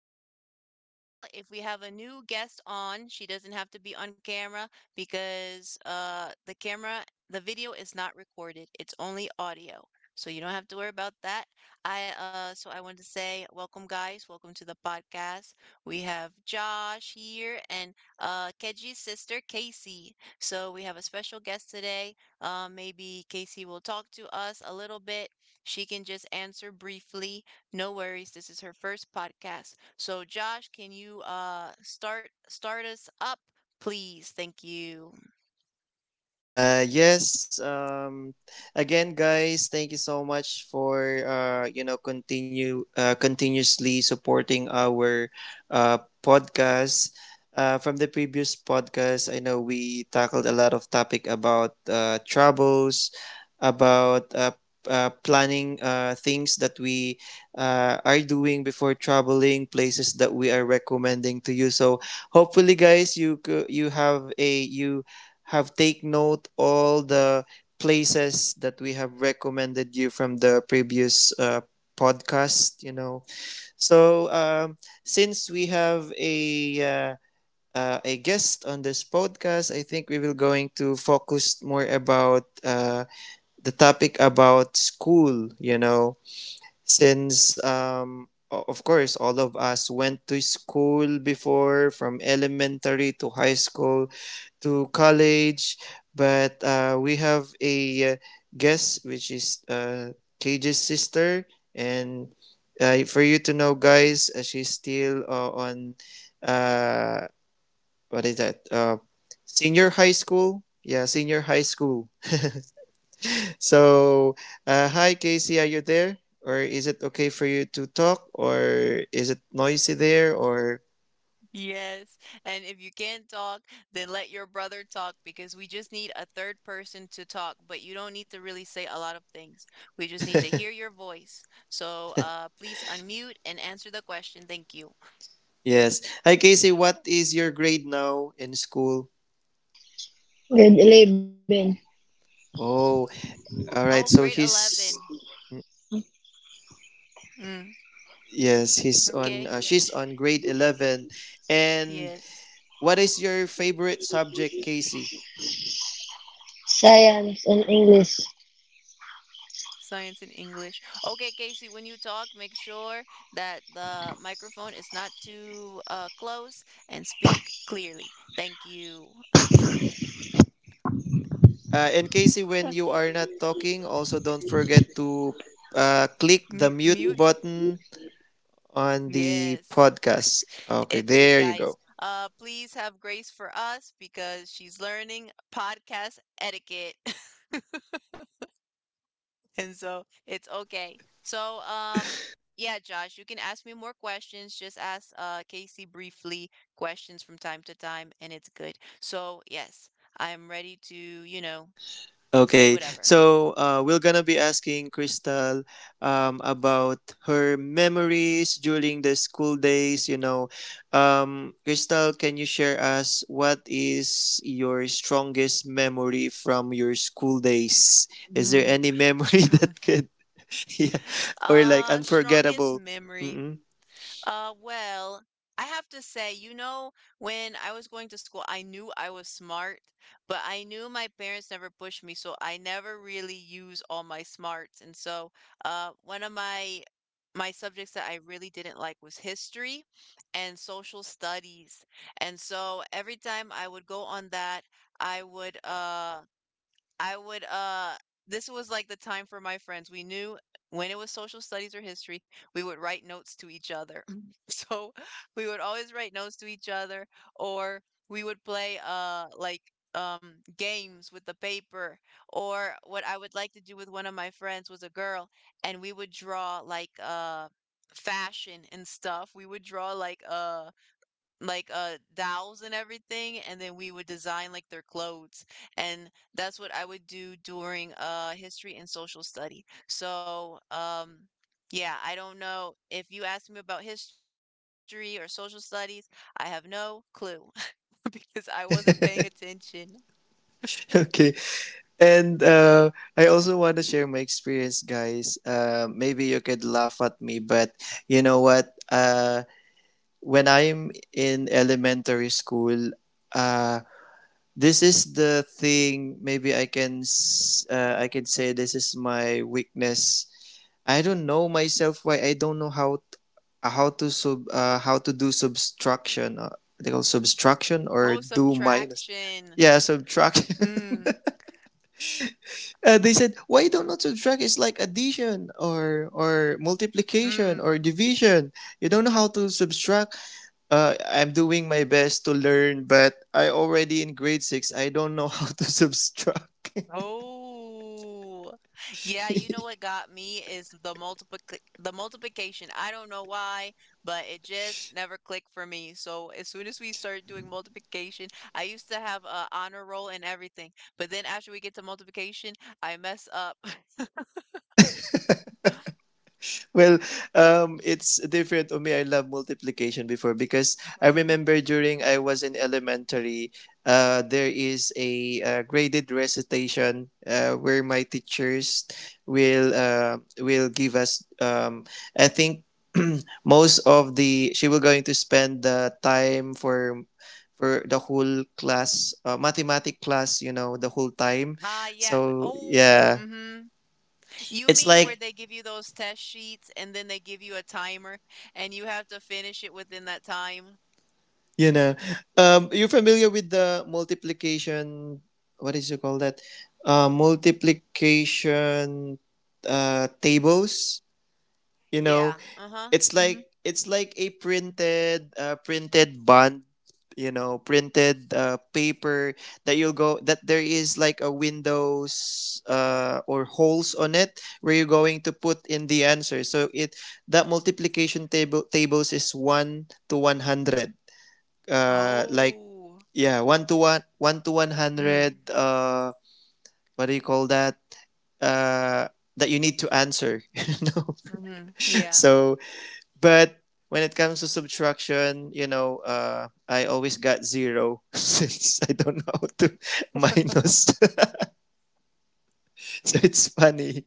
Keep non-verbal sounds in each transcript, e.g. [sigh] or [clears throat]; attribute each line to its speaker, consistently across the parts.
Speaker 1: podcast. Mahal, if we have a new guest on, she doesn't have to be on camera because the camera, the video is not recorded. It's only audio. So you don't have to worry about that. I so I want to say welcome guys. Welcome to the podcast. We have Josh here and Keji's sister Casey. So we have a special guest today. Maybe Casey will talk to us a little bit, she can just answer briefly. No worries. This is her first podcast. So Josh, can you start us up, please? Thank you.
Speaker 2: Uh, yes. Um, Again, guys, thank you so much for you know continue continuously supporting our uh, podcast. From the previous podcast, I know we tackled a lot of topic about troubles, about planning things that we are doing before traveling, places that we are recommending to you. So hopefully, guys, you have a you have take note all the places that we have recommended you from the previous podcast you know so since we have a guest on this podcast. I think we will going to focus more about the topic about school you know since of course all of us went to school before from elementary to high school to college, but we have a guest which is KJ's sister, and for you to know, guys, she's still on uh, what is that? Senior high school. Yeah, senior high school. [laughs] So, hi Casey, are you there? Or is it okay for you to talk? Or is it noisy there? Or
Speaker 1: Yes. And if you can't talk, then let your brother talk because we just need a third person to talk, but you don't need to really say a lot of things. We just need to hear your voice. So please unmute and answer the question. Thank you.
Speaker 2: Yes, hi Casey, what is your grade now in school?
Speaker 3: Grade 11,
Speaker 2: Oh, all right,
Speaker 1: Oh,
Speaker 2: so
Speaker 1: grade
Speaker 2: he's
Speaker 1: 11. Mm,
Speaker 2: yes, he's on
Speaker 1: okay.
Speaker 2: she's on grade 11. And
Speaker 1: Yes.
Speaker 2: what is your favorite subject, Casey?
Speaker 3: science and English.
Speaker 1: Science and English. Okay, Casey, when you talk, make sure that the microphone is not too close and speak clearly. Thank you.
Speaker 2: And Casey, when you
Speaker 1: [laughs]
Speaker 2: are not talking, also don't forget to click the
Speaker 1: Mute,
Speaker 2: mute
Speaker 1: mute.
Speaker 2: button on the
Speaker 1: Yes.
Speaker 2: podcast. Okay,
Speaker 1: It's
Speaker 2: there
Speaker 1: good,
Speaker 2: you go.
Speaker 1: guys. Please have grace for us because she's learning podcast etiquette. [laughs] And so it's okay. So, yeah, Josh, you can ask me more questions. Just ask Casey briefly questions from time to time, and it's good. So, yes, I'm ready to, say
Speaker 2: Okay,
Speaker 1: whatever.
Speaker 2: so we're gonna be asking Crystal about her memories during the school days. You know, Crystal, can you share us what is your strongest memory from your school days? Is there any
Speaker 1: [laughs]
Speaker 2: memory [laughs]
Speaker 1: Strong.
Speaker 2: yeah, or like
Speaker 1: Strongest
Speaker 2: unforgettable?
Speaker 1: memory.
Speaker 2: Mm-mm.
Speaker 1: Well, I have to say, you know, when I was going to school, I knew I was smart, but I knew my parents never pushed me, so I never really used all my smarts. And so, one of my subjects that I really didn't like was history and social studies. And so every time I would go on that, I would uh I would this was like the time for my friends. We knew when it was social studies or history, we would write notes to each other. [laughs] So we would always write notes to each other, or we would play like games with the paper. Or what I would like to do with one of my friends was a girl, and we would draw like fashion and stuff. We would draw like dolls and everything, and then we would design, like, their clothes, and that's what I would do during, history and social study. So, yeah, I don't know, if you ask me about history or social studies, I have no clue [laughs] because I wasn't paying attention.
Speaker 2: [laughs] Okay, and I also want to share my experience, guys. Maybe you could laugh at me, but you know what? When I'm in elementary school, uh, this is the thing. Maybe I can say this is my weakness. I don't know myself why I don't know how to sub how to do subtraction. They call subtraction or
Speaker 1: Oh,
Speaker 2: do minus.
Speaker 1: subtraction.
Speaker 2: Yeah, subtraction.
Speaker 1: Mm,
Speaker 2: [laughs] They said why you don't know subtract? It's like addition or multiplication or
Speaker 1: mm.
Speaker 2: division. You don't know how to subtract I'm doing my best to learn, but I already in grade six. I don't know how to [laughs] subtract.
Speaker 1: Oh, yeah. You know what got me is the multiplication. I don't know why, but it just never clicked for me. So as soon as we started doing multiplication, I used to have a honor roll and everything, but then after we get to multiplication, I mess up. [laughs]
Speaker 2: Well, it's different. Umi, I love multiplication before because I
Speaker 1: Mm.
Speaker 2: remember during I was in elementary, there is a graded recitation where my teachers will give us. I think [clears throat] most of the she will going to spend the time for the whole class, mathematic class. You know, the whole time.
Speaker 1: Ah, yeah.
Speaker 2: So
Speaker 1: Oh,
Speaker 2: yeah,
Speaker 1: mm-hmm. You
Speaker 2: it's
Speaker 1: mean
Speaker 2: like
Speaker 1: where they give you those test sheets and then they give you a timer and you have to finish it within that time?
Speaker 2: you know, you're familiar with the multiplication. What is it called that? Multiplication tables. You know,
Speaker 1: Yeah. Uh-huh. Mm-hmm.
Speaker 2: it's like a printed printed bond. You know, printed paper that you'll go that there is like a windows or holes on it where you're going to put in the answer. So it that multiplication tables is 1 to 100 uh like
Speaker 1: Oh.
Speaker 2: yeah 1 to 100
Speaker 1: Mm,
Speaker 2: what do you call that uh that you need to answer [laughs] you know
Speaker 1: mhm, yeah.
Speaker 2: so but when it comes to subtraction you know I always got zero [laughs] since I don't know how to minus. [laughs] So it's funny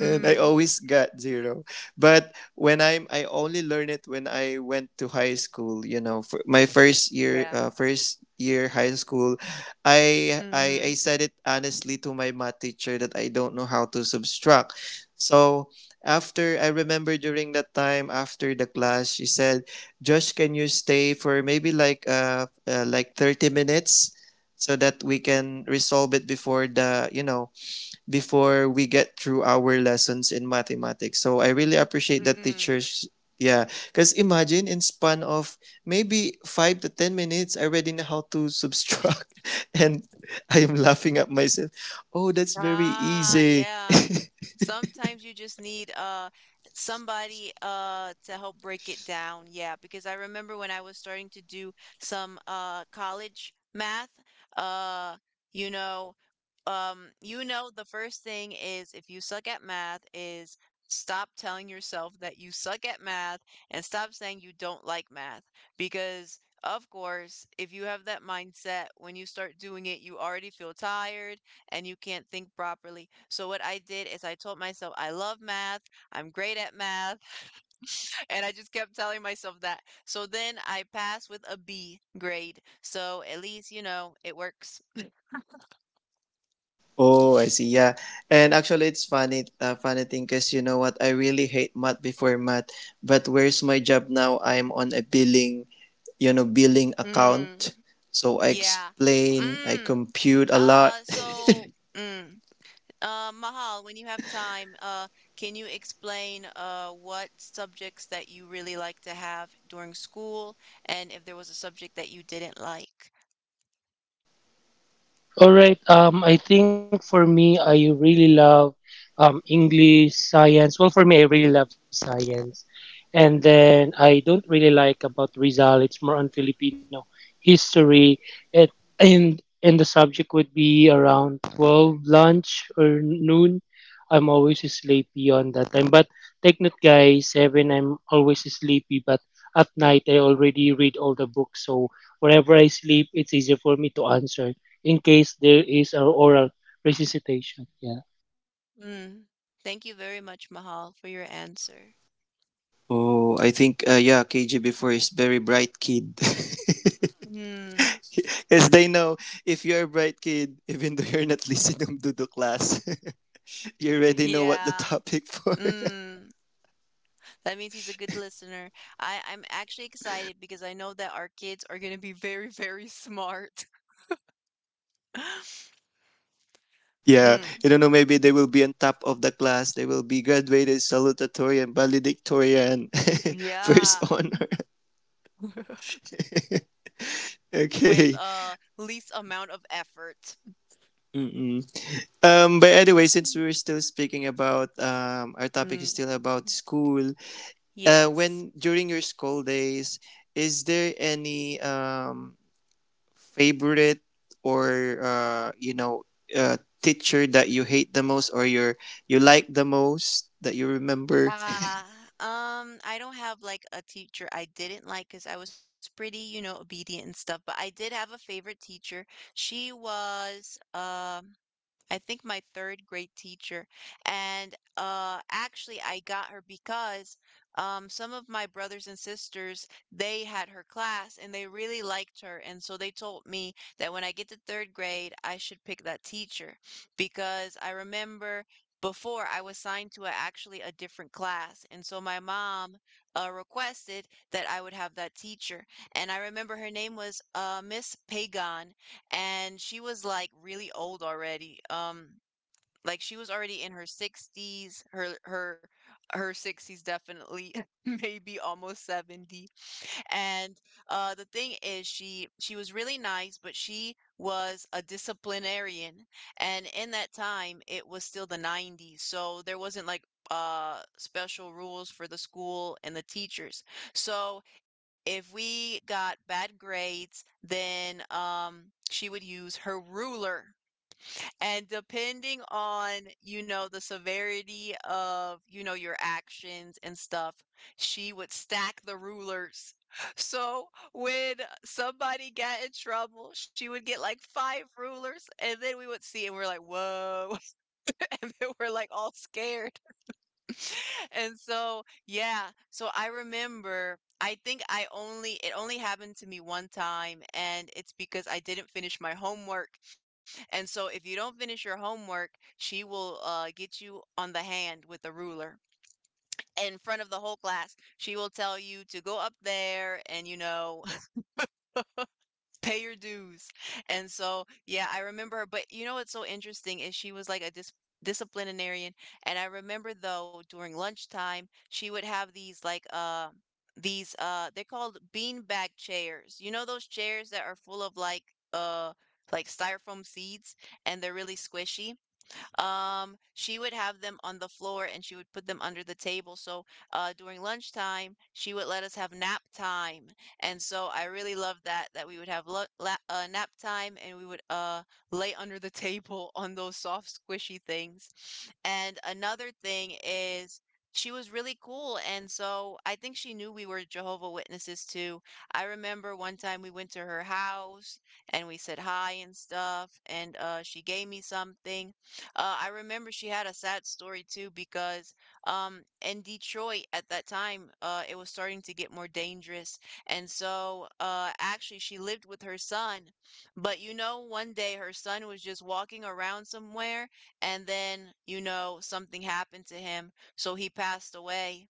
Speaker 2: and I
Speaker 1: Mm,
Speaker 2: always got zero. But I only learned it when I went to high school. You know, for my first year,
Speaker 1: yeah.
Speaker 2: high school, I
Speaker 1: Mhm,
Speaker 2: said it honestly to my math teacher that I don't know how to subtract. So after, I remember during that time after the class, she said, "Josh, can you stay for maybe like 30 minutes?" So that we can resolve it before the you know before we get through our lessons in mathematics. So I really appreciate that
Speaker 1: mm.
Speaker 2: teachers. Yeah, because imagine in span of maybe 5 to 10 minutes, I already know how to subtract, [laughs] and I am laughing at myself. Oh, that's very
Speaker 1: Ah,
Speaker 2: easy.
Speaker 1: yeah. Sometimes you just need somebody to help break it down. Yeah, because I remember when I was starting to do some college math, uh you know, you know, the first thing is, if you suck at math is, stop telling yourself that you suck at math and stop saying you don't like math, because of course, if you have that mindset, when you start doing it, you already feel tired and you can't think properly. So what I did is I told myself I love math, I'm great at math, [laughs] and I just kept telling myself that. So then I passed with a B grade. So at least, you know, it works.
Speaker 2: Oh, I see. Yeah, and actually, it's funny, funny thing, because you know what? I really hate math before, math, but where's my job now? I'm on a billing, you know, billing
Speaker 1: Hmm.
Speaker 2: account. So I
Speaker 1: Yeah.
Speaker 2: explain, I
Speaker 1: Mm.
Speaker 2: compute a lot.
Speaker 1: Uh, so, mm. Mahal, when you have time, can you explain what subjects that you really like to have during school, and if there was a subject that you didn't like?
Speaker 3: All right. I think for me, I really love English, science. Well, for me, I really love science. And then I don't really like about Rizal. It's more on Filipino history. It, and the subject would be around 12 lunch or noon. I'm always sleepy on that time. But take note, guys. Seven, I'm always sleepy. But at night, I already read all the books. So whenever I sleep, it's easier for me to answer in case there is a oral resuscitation. Yeah.
Speaker 1: Mm. Thank you very much, Mahal, for your answer.
Speaker 2: Oh, I think yeah, KGB before is very bright kid. [laughs]
Speaker 1: Mm.
Speaker 2: As they know, if you're a bright kid, even though you're not [laughs] listening to the class, [laughs] you already know what the
Speaker 1: Yeah.
Speaker 2: topic for.
Speaker 1: Mm. That means he's a good listener. I'm actually excited because I know that our kids are going to be very, very smart. [laughs]
Speaker 2: [laughs] Yeah,
Speaker 1: Mm.
Speaker 2: you don't know. Maybe they will be on top of the class. They will be graduated salutatorian, valedictorian, [laughs] first
Speaker 1: Yeah.
Speaker 2: honor.
Speaker 1: [laughs]
Speaker 2: [laughs] Okay.
Speaker 1: With least amount of effort.
Speaker 2: Mm-mm. Um, but anyway, since we were
Speaker 1: [laughs]
Speaker 2: still speaking about our topic is still
Speaker 1: Mm,
Speaker 2: about school. When
Speaker 1: yes.
Speaker 2: during your school days, is there any favorite or you know uh, teacher that you hate the most or you like the most that you remember?
Speaker 1: Uh, I don't have like a teacher I didn't like because I was pretty, you know, obedient and stuff, but I did have a favorite teacher. She was I think my third grade teacher. And actually, I got her because some of my brothers and sisters, they had her class and they really liked her. And so they told me that when I get to third grade, I should pick that teacher, because I remember before I was signed to a, actually a different class. And so my mom requested that I would have that teacher. And I remember her name was Miss Pagan, and she was like really old already. Like she was already in her 60s, her 60s definitely, [laughs] maybe almost 70. And the thing is, she was really nice, but she was a disciplinarian, and in that time, it was still the 90s, so there wasn't like special rules for the school and the teachers. So if we got bad grades, then she would use her ruler, and depending on, you know, the severity of, you know, your actions and stuff, she would stack the rulers. [laughs] So when somebody got in trouble, she would get like five rulers, and then we would see, and we're like, whoa. [laughs] And then we're like all scared. [laughs] And so, yeah, so I remember, I think I only it only happened to me one time, and it's because I didn't finish my homework. And so if you don't finish your homework, she will get you on the hand with the ruler in front of the whole class. She will tell you to go up there and, you know, pay your dues. And so, yeah, I remember her. But you know what's so interesting is she was like a disciplinarian. And I remember, though, during lunchtime, she would have these like these they're called beanbag chairs. You know those chairs that are full of uh like styrofoam seeds, and they're really squishy. She would have them on the floor and she would put them under the table. So during lunchtime, she would let us have nap time. And so I really loved that, that we would have nap time and we would lay under the [laughs] table on those soft squishy things. And another thing is, she was really cool, and so I think she knew we were Jehovah Witnesses too. I remember one time we went to her house and we said hi and stuff, and she gave me something. I remember she had a sad story too, because in Detroit at that time, it was starting to get more dangerous. And so actually, she lived with her son. But you know, one day her son was just walking around somewhere, and then, you know, something happened to him. So he passed away.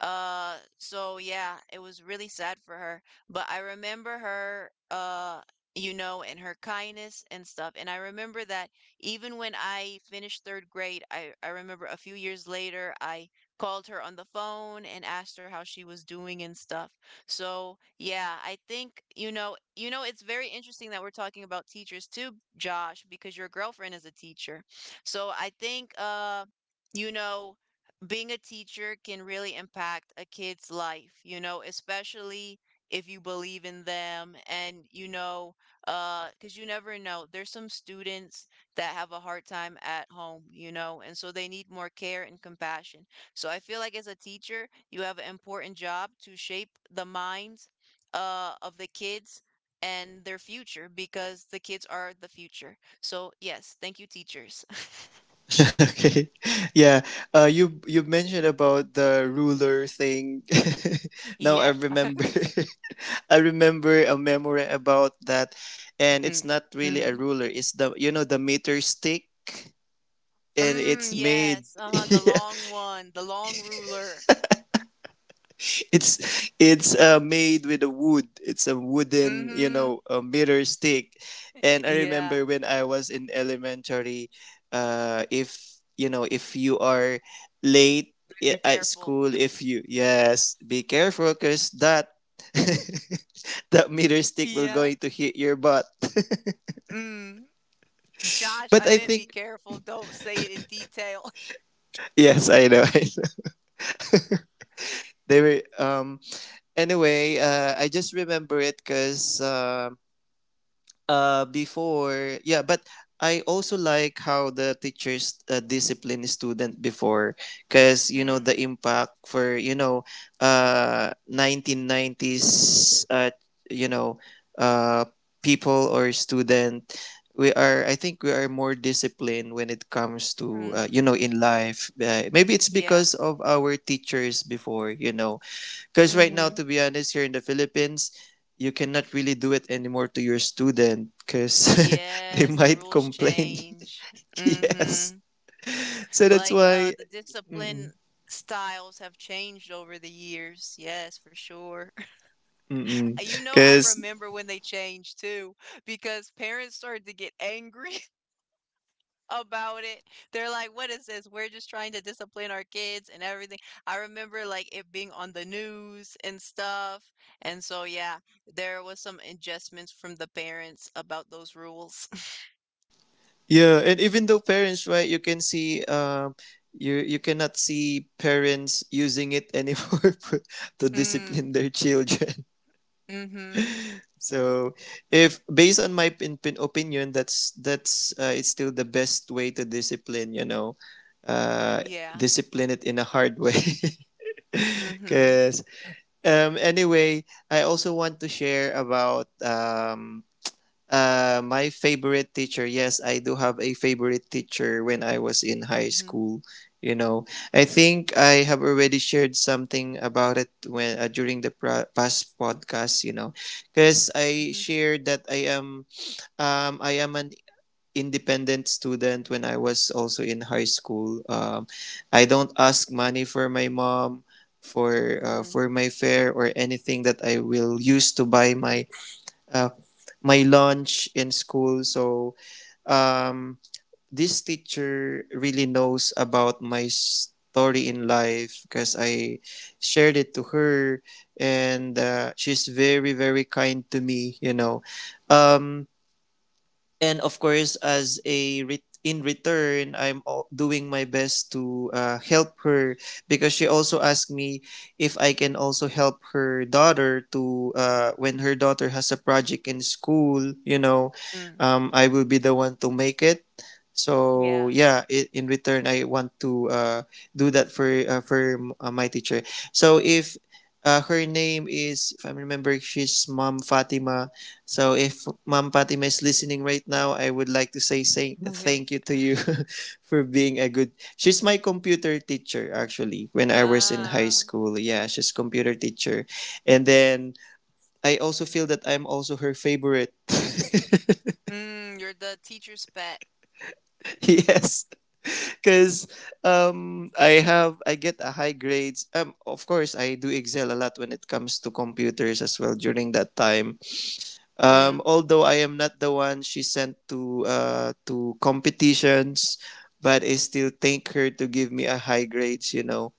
Speaker 1: So yeah, it was really sad for her. But I remember her, you know, and her kindness and stuff. And I remember that even when I finished third grade, I remember a few years later, I called her on the phone and asked her how she was doing and stuff. So yeah, I think, you know, it's very interesting that we're talking about teachers too, Josh, because your girlfriend is a teacher. So I think you know, being a teacher can really impact a kid's life, you know, especially if you believe in them, and you know, because you never know. There's some students that have a hard time at home, you know, and so they need more care and compassion. So I feel like as a teacher, you have an important job to shape the minds of the kids and their future, because the kids are the future. So, yes, thank you, teachers.
Speaker 2: [laughs] Okay, yeah. You mentioned about the ruler thing.
Speaker 1: [laughs]
Speaker 2: [laughs] Now I remember.
Speaker 1: Yes.
Speaker 2: [laughs] I remember a memory about that, and it's
Speaker 1: Mm,
Speaker 2: not really a
Speaker 1: mm.
Speaker 2: ruler. It's the you know the meter stick, and it's
Speaker 1: Mm,
Speaker 2: made. [laughs]
Speaker 1: yes. Uh-huh. The
Speaker 2: Yeah,
Speaker 1: long one, the long ruler.
Speaker 2: it's it's made with a wood. It's a wooden you
Speaker 1: Mm-hmm.
Speaker 2: know a mirror stick and I
Speaker 1: Yeah.
Speaker 2: remember when I was in elementary. If you know if you are late
Speaker 1: Be
Speaker 2: at
Speaker 1: careful.
Speaker 2: school
Speaker 1: [laughs]
Speaker 2: if you yes be careful because that [laughs] that mirror stick will
Speaker 1: Yeah.
Speaker 2: going to hit your butt. [laughs]
Speaker 1: Mm. Josh, I
Speaker 2: But I
Speaker 1: meant be
Speaker 2: think
Speaker 1: careful, don't say it in detail. [laughs]
Speaker 2: yes I know. [laughs] I know. They were anyway I just remember it because before yeah but I also like how the teachers discipline student before because you know
Speaker 1: Mm,
Speaker 2: the impact for you know 1990s you know uh people or student we are I think we are more disciplined when it comes to
Speaker 1: mm,
Speaker 2: you know in life maybe it's
Speaker 1: yeah.
Speaker 2: because of our teachers before you know. Because right now,
Speaker 1: Mhm.
Speaker 2: to be honest, here in the Philippines, you cannot really do it anymore to your student because [laughs] they
Speaker 1: Yes, the
Speaker 2: might
Speaker 1: rules
Speaker 2: complain.
Speaker 1: change.
Speaker 2: [laughs] Yes.
Speaker 1: Mhm.
Speaker 2: So that's
Speaker 1: Like,
Speaker 2: why.
Speaker 1: the discipline styles have changed over the years. Yes, for sure. [laughs] You know, I
Speaker 2: Because,
Speaker 1: remember when they changed too, because parents started to get angry about it. They're like, "What is this? We're just trying to discipline our kids and everything." I remember like it being on the news and stuff. And so yeah, there was some adjustments from the parents about those rules. [laughs]
Speaker 2: yeah. And even though parents, right, you can see. Um, you cannot see parents using it anymore [laughs] to discipline
Speaker 1: Mm.
Speaker 2: their children.
Speaker 1: Mm-hmm.
Speaker 2: So, if based on my pin opinion, that's it's still the best way to discipline. You know, uh,
Speaker 1: Yeah.
Speaker 2: discipline it in a hard way. [laughs]
Speaker 1: Mm-hmm.
Speaker 2: Because anyway, I also want to share about my favorite teacher. Yes, I do have a favorite teacher when I was in high
Speaker 1: Mm-hmm.
Speaker 2: school. You know, I think I have already shared something about it when during the past podcast. You know, because I
Speaker 1: Mm-hmm.
Speaker 2: shared that I am an independent student when I was also in high school. I don't ask money for my mom
Speaker 1: Mm.
Speaker 2: for my fare or anything that I will use to buy my uh, my lunch in school. So um, this teacher really knows about my story in life because I shared it to her, and she's very very kind to me. You know, um, and of course as in return, doing my best to help her because she also asked me if I can also help her daughter to when her daughter has a project in school you know
Speaker 1: Mm.
Speaker 2: I will be the one to make it. So
Speaker 1: Yeah.
Speaker 2: yeah, I in return I want to do that for my teacher. So if her name is if I remember she's mom Fatima. So if Ma'am Fatima is listening right now, I would like to say thank you
Speaker 1: [laughs]
Speaker 2: to you [laughs] for being a good. She's my computer teacher actually when I was in high
Speaker 1: Ah.
Speaker 2: school. Yeah, she's computer teacher, and then I also feel that I'm also her favorite. [laughs]
Speaker 1: Mm, you're the teacher's pet.
Speaker 2: Yes, because I have I get a high grades. Of course I do excel a lot when it comes to computers as well during that time.
Speaker 1: Mm.
Speaker 2: Although I am not the one she sent to competitions, but I still thank her to give me a high grades. You know,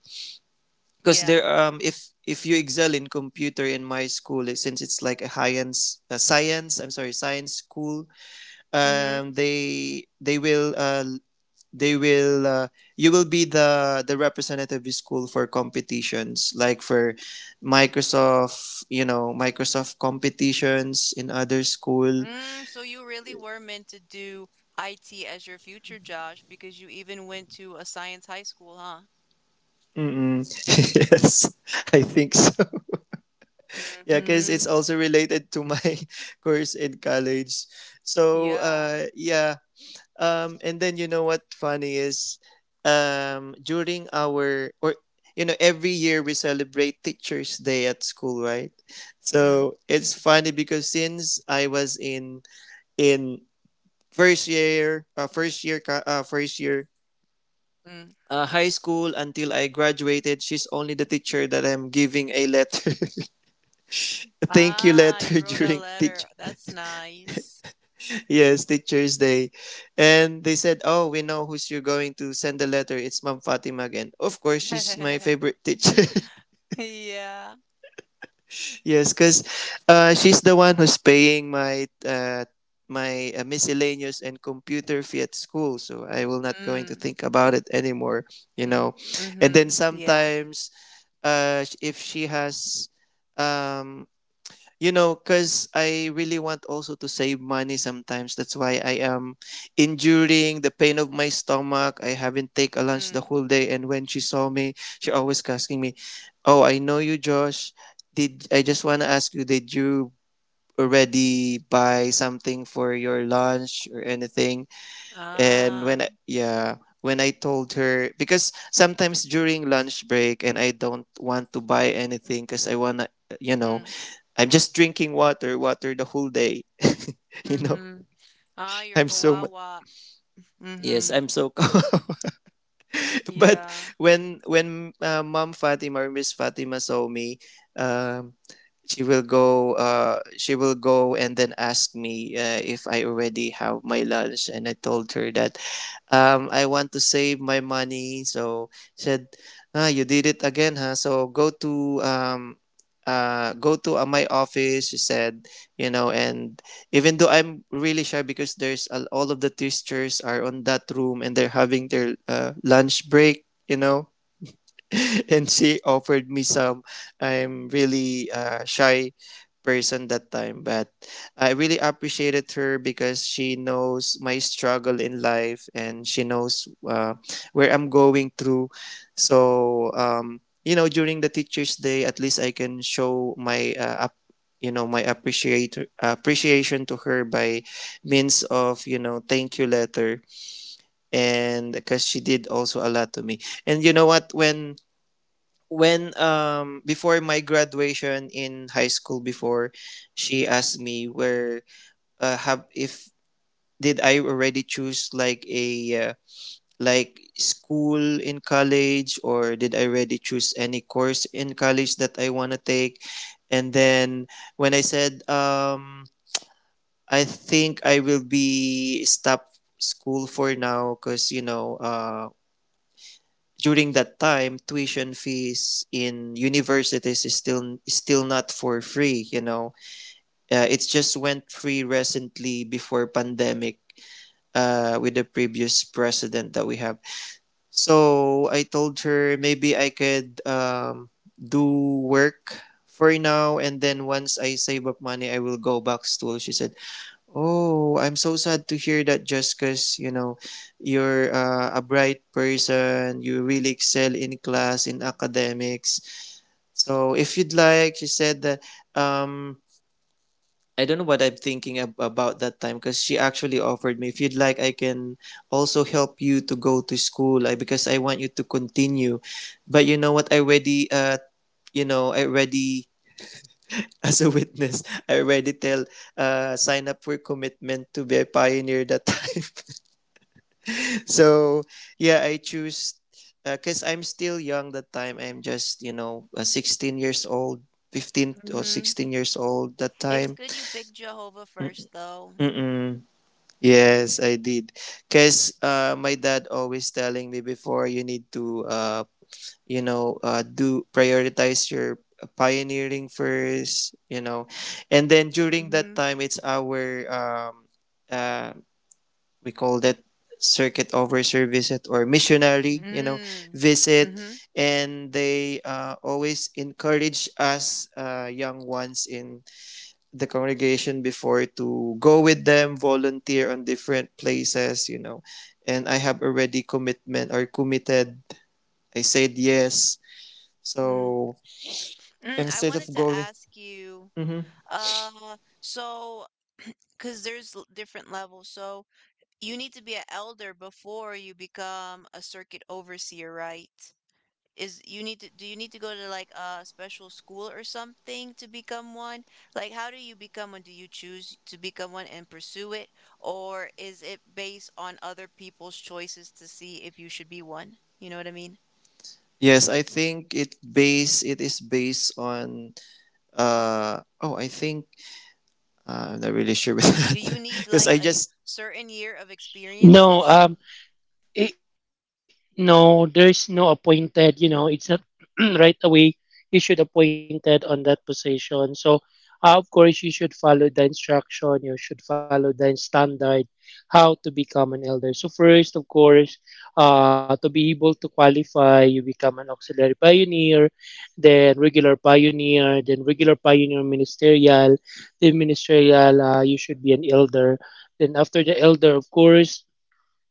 Speaker 2: because there
Speaker 1: Yeah.
Speaker 2: if you excel in computer in my school, eh, since it's like a science I'm sorry science school,
Speaker 1: Mm-hmm.
Speaker 2: they will they will uh, you will be the representative of the school for competitions like for Microsoft, you know, Microsoft competitions in other school.
Speaker 1: Mm, so you really were meant to do IT as your future, Josh, because you even went to a science high school, huh?
Speaker 2: Mm-mm. [laughs] Yes, I think so. [laughs] Yeah, because it's
Speaker 1: Mm-hmm.
Speaker 2: also related to my [laughs] course in college. So,
Speaker 1: Yeah.
Speaker 2: yeah. And then you know what funny is, during our or every year we celebrate Teachers Day at school, right?
Speaker 1: Mm,
Speaker 2: So it's funny because since I was in first year, first year.
Speaker 1: mm.
Speaker 2: High school until I graduated, she's only the teacher that I'm giving a letter. [laughs] thank you
Speaker 1: Ah,
Speaker 2: letter [laughs]
Speaker 1: you wrote a
Speaker 2: during teach
Speaker 1: letter. That's nice.
Speaker 2: yes teachers day and they said oh we know who's you're going to send the letter it's mom fatima again of course she's my
Speaker 1: [laughs]
Speaker 2: favorite teacher
Speaker 1: Yeah.
Speaker 2: [laughs] yes because she's the one who's paying my my miscellaneous and computer fee at school so I will not going to
Speaker 1: Mm,
Speaker 2: think about it anymore you
Speaker 1: mm,
Speaker 2: know and
Speaker 1: mm-hmm.
Speaker 2: then
Speaker 1: Yeah.
Speaker 2: sometimes if she has um You know, because I really want also to save money sometimes. That's why I am enduring the pain of my stomach. I haven't take a lunch the
Speaker 1: Mm.
Speaker 2: whole day. And when she saw me, she always asking me, "Oh, I know you, Josh. Did I just want to ask you? Did you already buy something for your lunch or anything?" And
Speaker 1: Ah.
Speaker 2: when I, yeah, when I told her because sometimes during lunch break and I don't want to buy anything because I wanna you know
Speaker 1: Mm,
Speaker 2: I'm just drinking water, water the whole day. [laughs] You know,
Speaker 1: mm-hmm. Ah, you're
Speaker 2: i'm so
Speaker 1: Kawawa.
Speaker 2: yes,
Speaker 1: Mm-hmm.
Speaker 2: I'm so calm. [laughs] But
Speaker 1: Yeah.
Speaker 2: when Mom Fatima or Miss Fatima saw me, um, she will go. She will go and then ask me if I already have my lunch, and I told her that I want to save my money. So said, ah, you did it again, huh? So go to go to my office. She said, you know, and even though I'm really shy because there's a, all of the teachers are on that room and they're having their lunch break, you know [laughs] and she offered me some. I'm really shy person that time, but I really appreciated her because she knows my struggle in life and she knows where I'm going through. So you know, during the Teachers Day, at least I can show my you know my appreciate appreciation to her by means of you know thank you letter and because she did also a lot to me and you know what when before my graduation in high school before she asked me where have if did I already choose like a like school in college or did I already choose any course in college that I want to take and then when I said I think I will be stop school for now because you know during that time tuition fees in universities is still not for free you know it just went free recently before pandemic with the previous president that we have so I told her maybe I could do work for now and then once I save up money I will go back to school she said oh, I'm so sad to hear that just because, you know, you're a bright person, you really excel in class, in academics. So if you'd like, she said that, um, I don't know what I'm thinking about that time because she actually offered me, if you'd like, I can also help you to go to school because I want you to continue. But you know what? I already, [laughs] as a witness, I already tell, sign up for commitment to be a pioneer that [laughs] time. So yeah I choose because I'm still young that time I'm just 16 years old, 15 or
Speaker 1: Mm-hmm.
Speaker 2: 16 years old that
Speaker 1: It's
Speaker 2: time.
Speaker 1: good you picked Jehovah first, though.
Speaker 2: Mm-mm. Yes I did because my dad always telling me before you need to do prioritize your pioneering first you know and then during that
Speaker 1: Mm-hmm.
Speaker 2: time it's our uh, we call that circuit overseer visit or missionary you know
Speaker 1: Mm.
Speaker 2: visit
Speaker 1: Mhm.
Speaker 2: and they always encourage us young ones in the congregation before to go with them volunteer on different places you know and I have already commitment or committed I said yes
Speaker 1: Mm.
Speaker 2: so
Speaker 1: I
Speaker 2: instead
Speaker 1: wanted
Speaker 2: of
Speaker 1: to
Speaker 2: going.
Speaker 1: ask you,
Speaker 2: Mhm.
Speaker 1: so, because there's different levels, so you need to be an elder before you become a circuit overseer, right? Is you need to, do you need to go to like a special school or something to become one? Like, how do you become one? Do you choose to become one and pursue it, or is it based on other people's choices to see if you should be one? You know what I mean?
Speaker 2: Yes I think it base it is based on uh oh i think uh, I'm not really sure with [laughs]
Speaker 1: Do
Speaker 2: that
Speaker 1: you need
Speaker 2: because
Speaker 1: like
Speaker 2: I
Speaker 1: a
Speaker 2: just.
Speaker 1: certain year of experiences?
Speaker 3: No, It, no, there's no appointed. You know, it's not [clears throat] right away. You should appointed on that position. So, of course, you should follow the instruction. You should follow the standard how to become an elder. So first, of course, to be able to qualify, you become an auxiliary pioneer, then regular pioneer, then regular pioneer ministerial, then ministerial. You should be an elder. Then after the elder, of course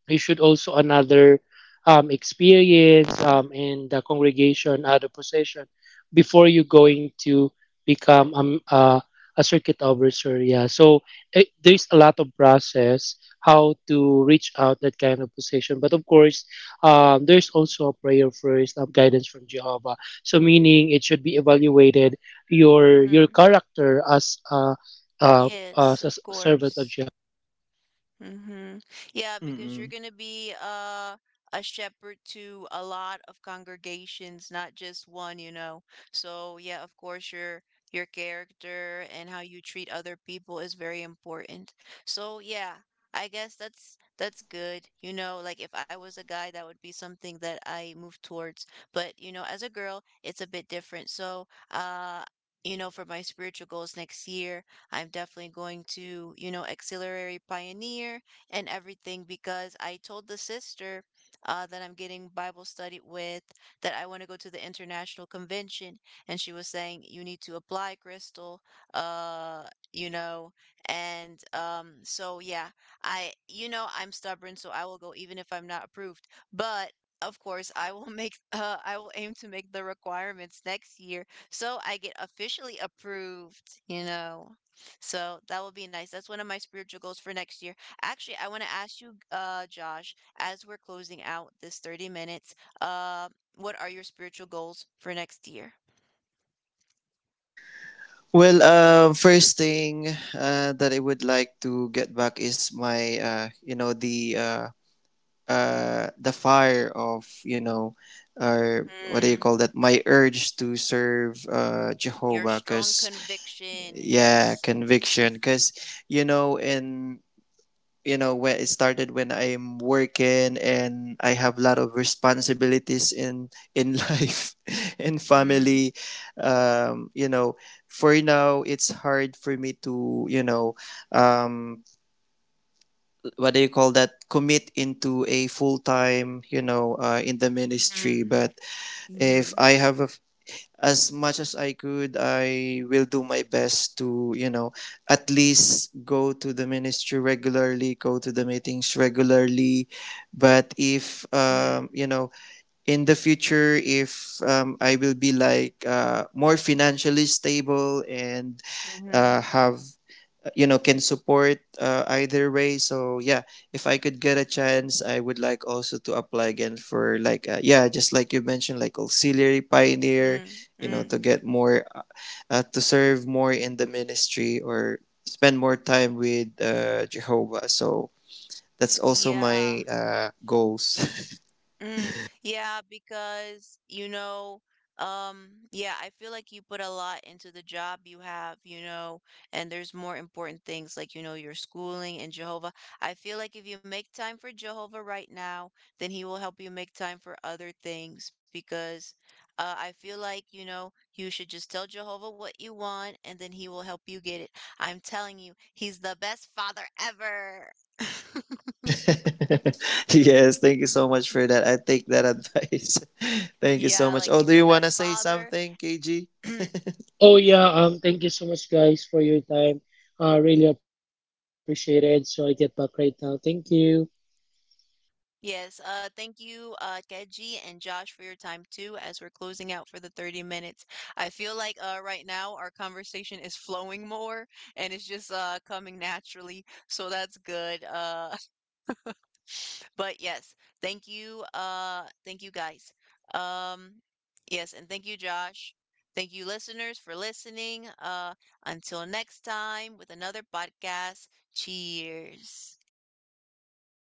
Speaker 3: you should also another experience in the congregation other position before you going to become a circuit overseer. Yeah, so there's a lot of process how to reach out that kind of position. But of course, there's also a prayer first of guidance from Jehovah. So meaning it should be evaluated your
Speaker 1: Mm-hmm.
Speaker 3: character uh,
Speaker 1: Yes,
Speaker 3: as
Speaker 1: of
Speaker 3: a servant of
Speaker 1: course.
Speaker 3: Jehovah.
Speaker 1: Mm-hmm. Yeah, because you're
Speaker 2: Mm-mm.
Speaker 1: going to be a shepherd to a lot of congregations, not just one, you know. So, yeah, of course, your character and how you treat other people is very important. So, yeah, I guess that's good. You know, like if I was a guy, that would be something that I move towards. But, you know, as a girl, it's a bit different. So, you know, for my spiritual goals next year, I'm definitely going to, you know, Auxiliary Pioneer and everything because I told the sister that I'm getting Bible study with that I want to go to the international convention. And she was saying, you need to apply, Crystal, uh, you know, and so yeah, I, you know, I'm stubborn, so I will go even if I'm not approved. But of course, I will [laughs] make, I will aim to make the requirements next year so I get officially approved, you know. So that will be nice. That's one of my spiritual goals for next year. Actually, I want to ask you, Josh, as we're closing out this 30 minutes, uh, what are your spiritual goals for next year?
Speaker 2: Well, first thing that I would like to get back is my, the fire of, you know, or what do you call
Speaker 1: Mm,
Speaker 2: that? My urge to serve
Speaker 1: your
Speaker 2: Jehovah,
Speaker 1: strong
Speaker 2: because
Speaker 1: conviction,
Speaker 2: yeah,
Speaker 1: yes.
Speaker 2: conviction, because you know, in you know when it started when I'm working and I have a lot of responsibilities in life [laughs] in
Speaker 1: Mm,
Speaker 2: family you know for now it's hard for me to um what do you call that commit into a full time you know in the ministry
Speaker 1: mm,
Speaker 2: but if
Speaker 1: mm-hmm,
Speaker 2: I have a, as much as I could, I will do my best to, you know, at least go to the ministry regularly, go to the meetings regularly. But if,
Speaker 1: mm,
Speaker 2: you know, in the future, if I will be like more financially stable and
Speaker 1: mm-hmm,
Speaker 2: have can support either way so yeah if I could get a chance I would like also to apply again for like yeah just like you mentioned like auxiliary pioneer
Speaker 1: mm,
Speaker 2: you know
Speaker 1: mm.
Speaker 2: to get more to serve more in the ministry or spend more time with jehovah so that's also
Speaker 1: Yeah.
Speaker 2: my goals.
Speaker 1: Mm, yeah, because you know, yeah, I feel like you put a lot into the job you have, you know, and there's more important things like, you know, your schooling and Jehovah. I feel like if you make time for Jehovah right now, then he will help you make time for other things because I feel like, you know, you should just tell Jehovah what you want and then he will help you get it. I'm telling you, he's the best father ever. [laughs]
Speaker 2: [laughs] Yes thank you so much for that I take that advice. [laughs] Thank you so
Speaker 1: Yeah,
Speaker 2: much
Speaker 1: like
Speaker 2: oh
Speaker 1: he's
Speaker 2: do
Speaker 1: the
Speaker 2: you want to
Speaker 1: best
Speaker 2: say
Speaker 1: father.
Speaker 2: something kg
Speaker 1: [clears throat]
Speaker 4: Oh yeah, thank you so much guys for your time. I really appreciate it. So I get back right now. Thank you.
Speaker 1: Yes, thank you, Keji and Josh, for your time too, as we're closing out for the 30 minutes. I feel like right now our conversation is flowing more and it's just coming naturally, so that's good. [laughs] But yes, thank you guys. Um, yes, and thank you, Josh. Thank you, listeners, for listening. Until next time with another podcast, cheers.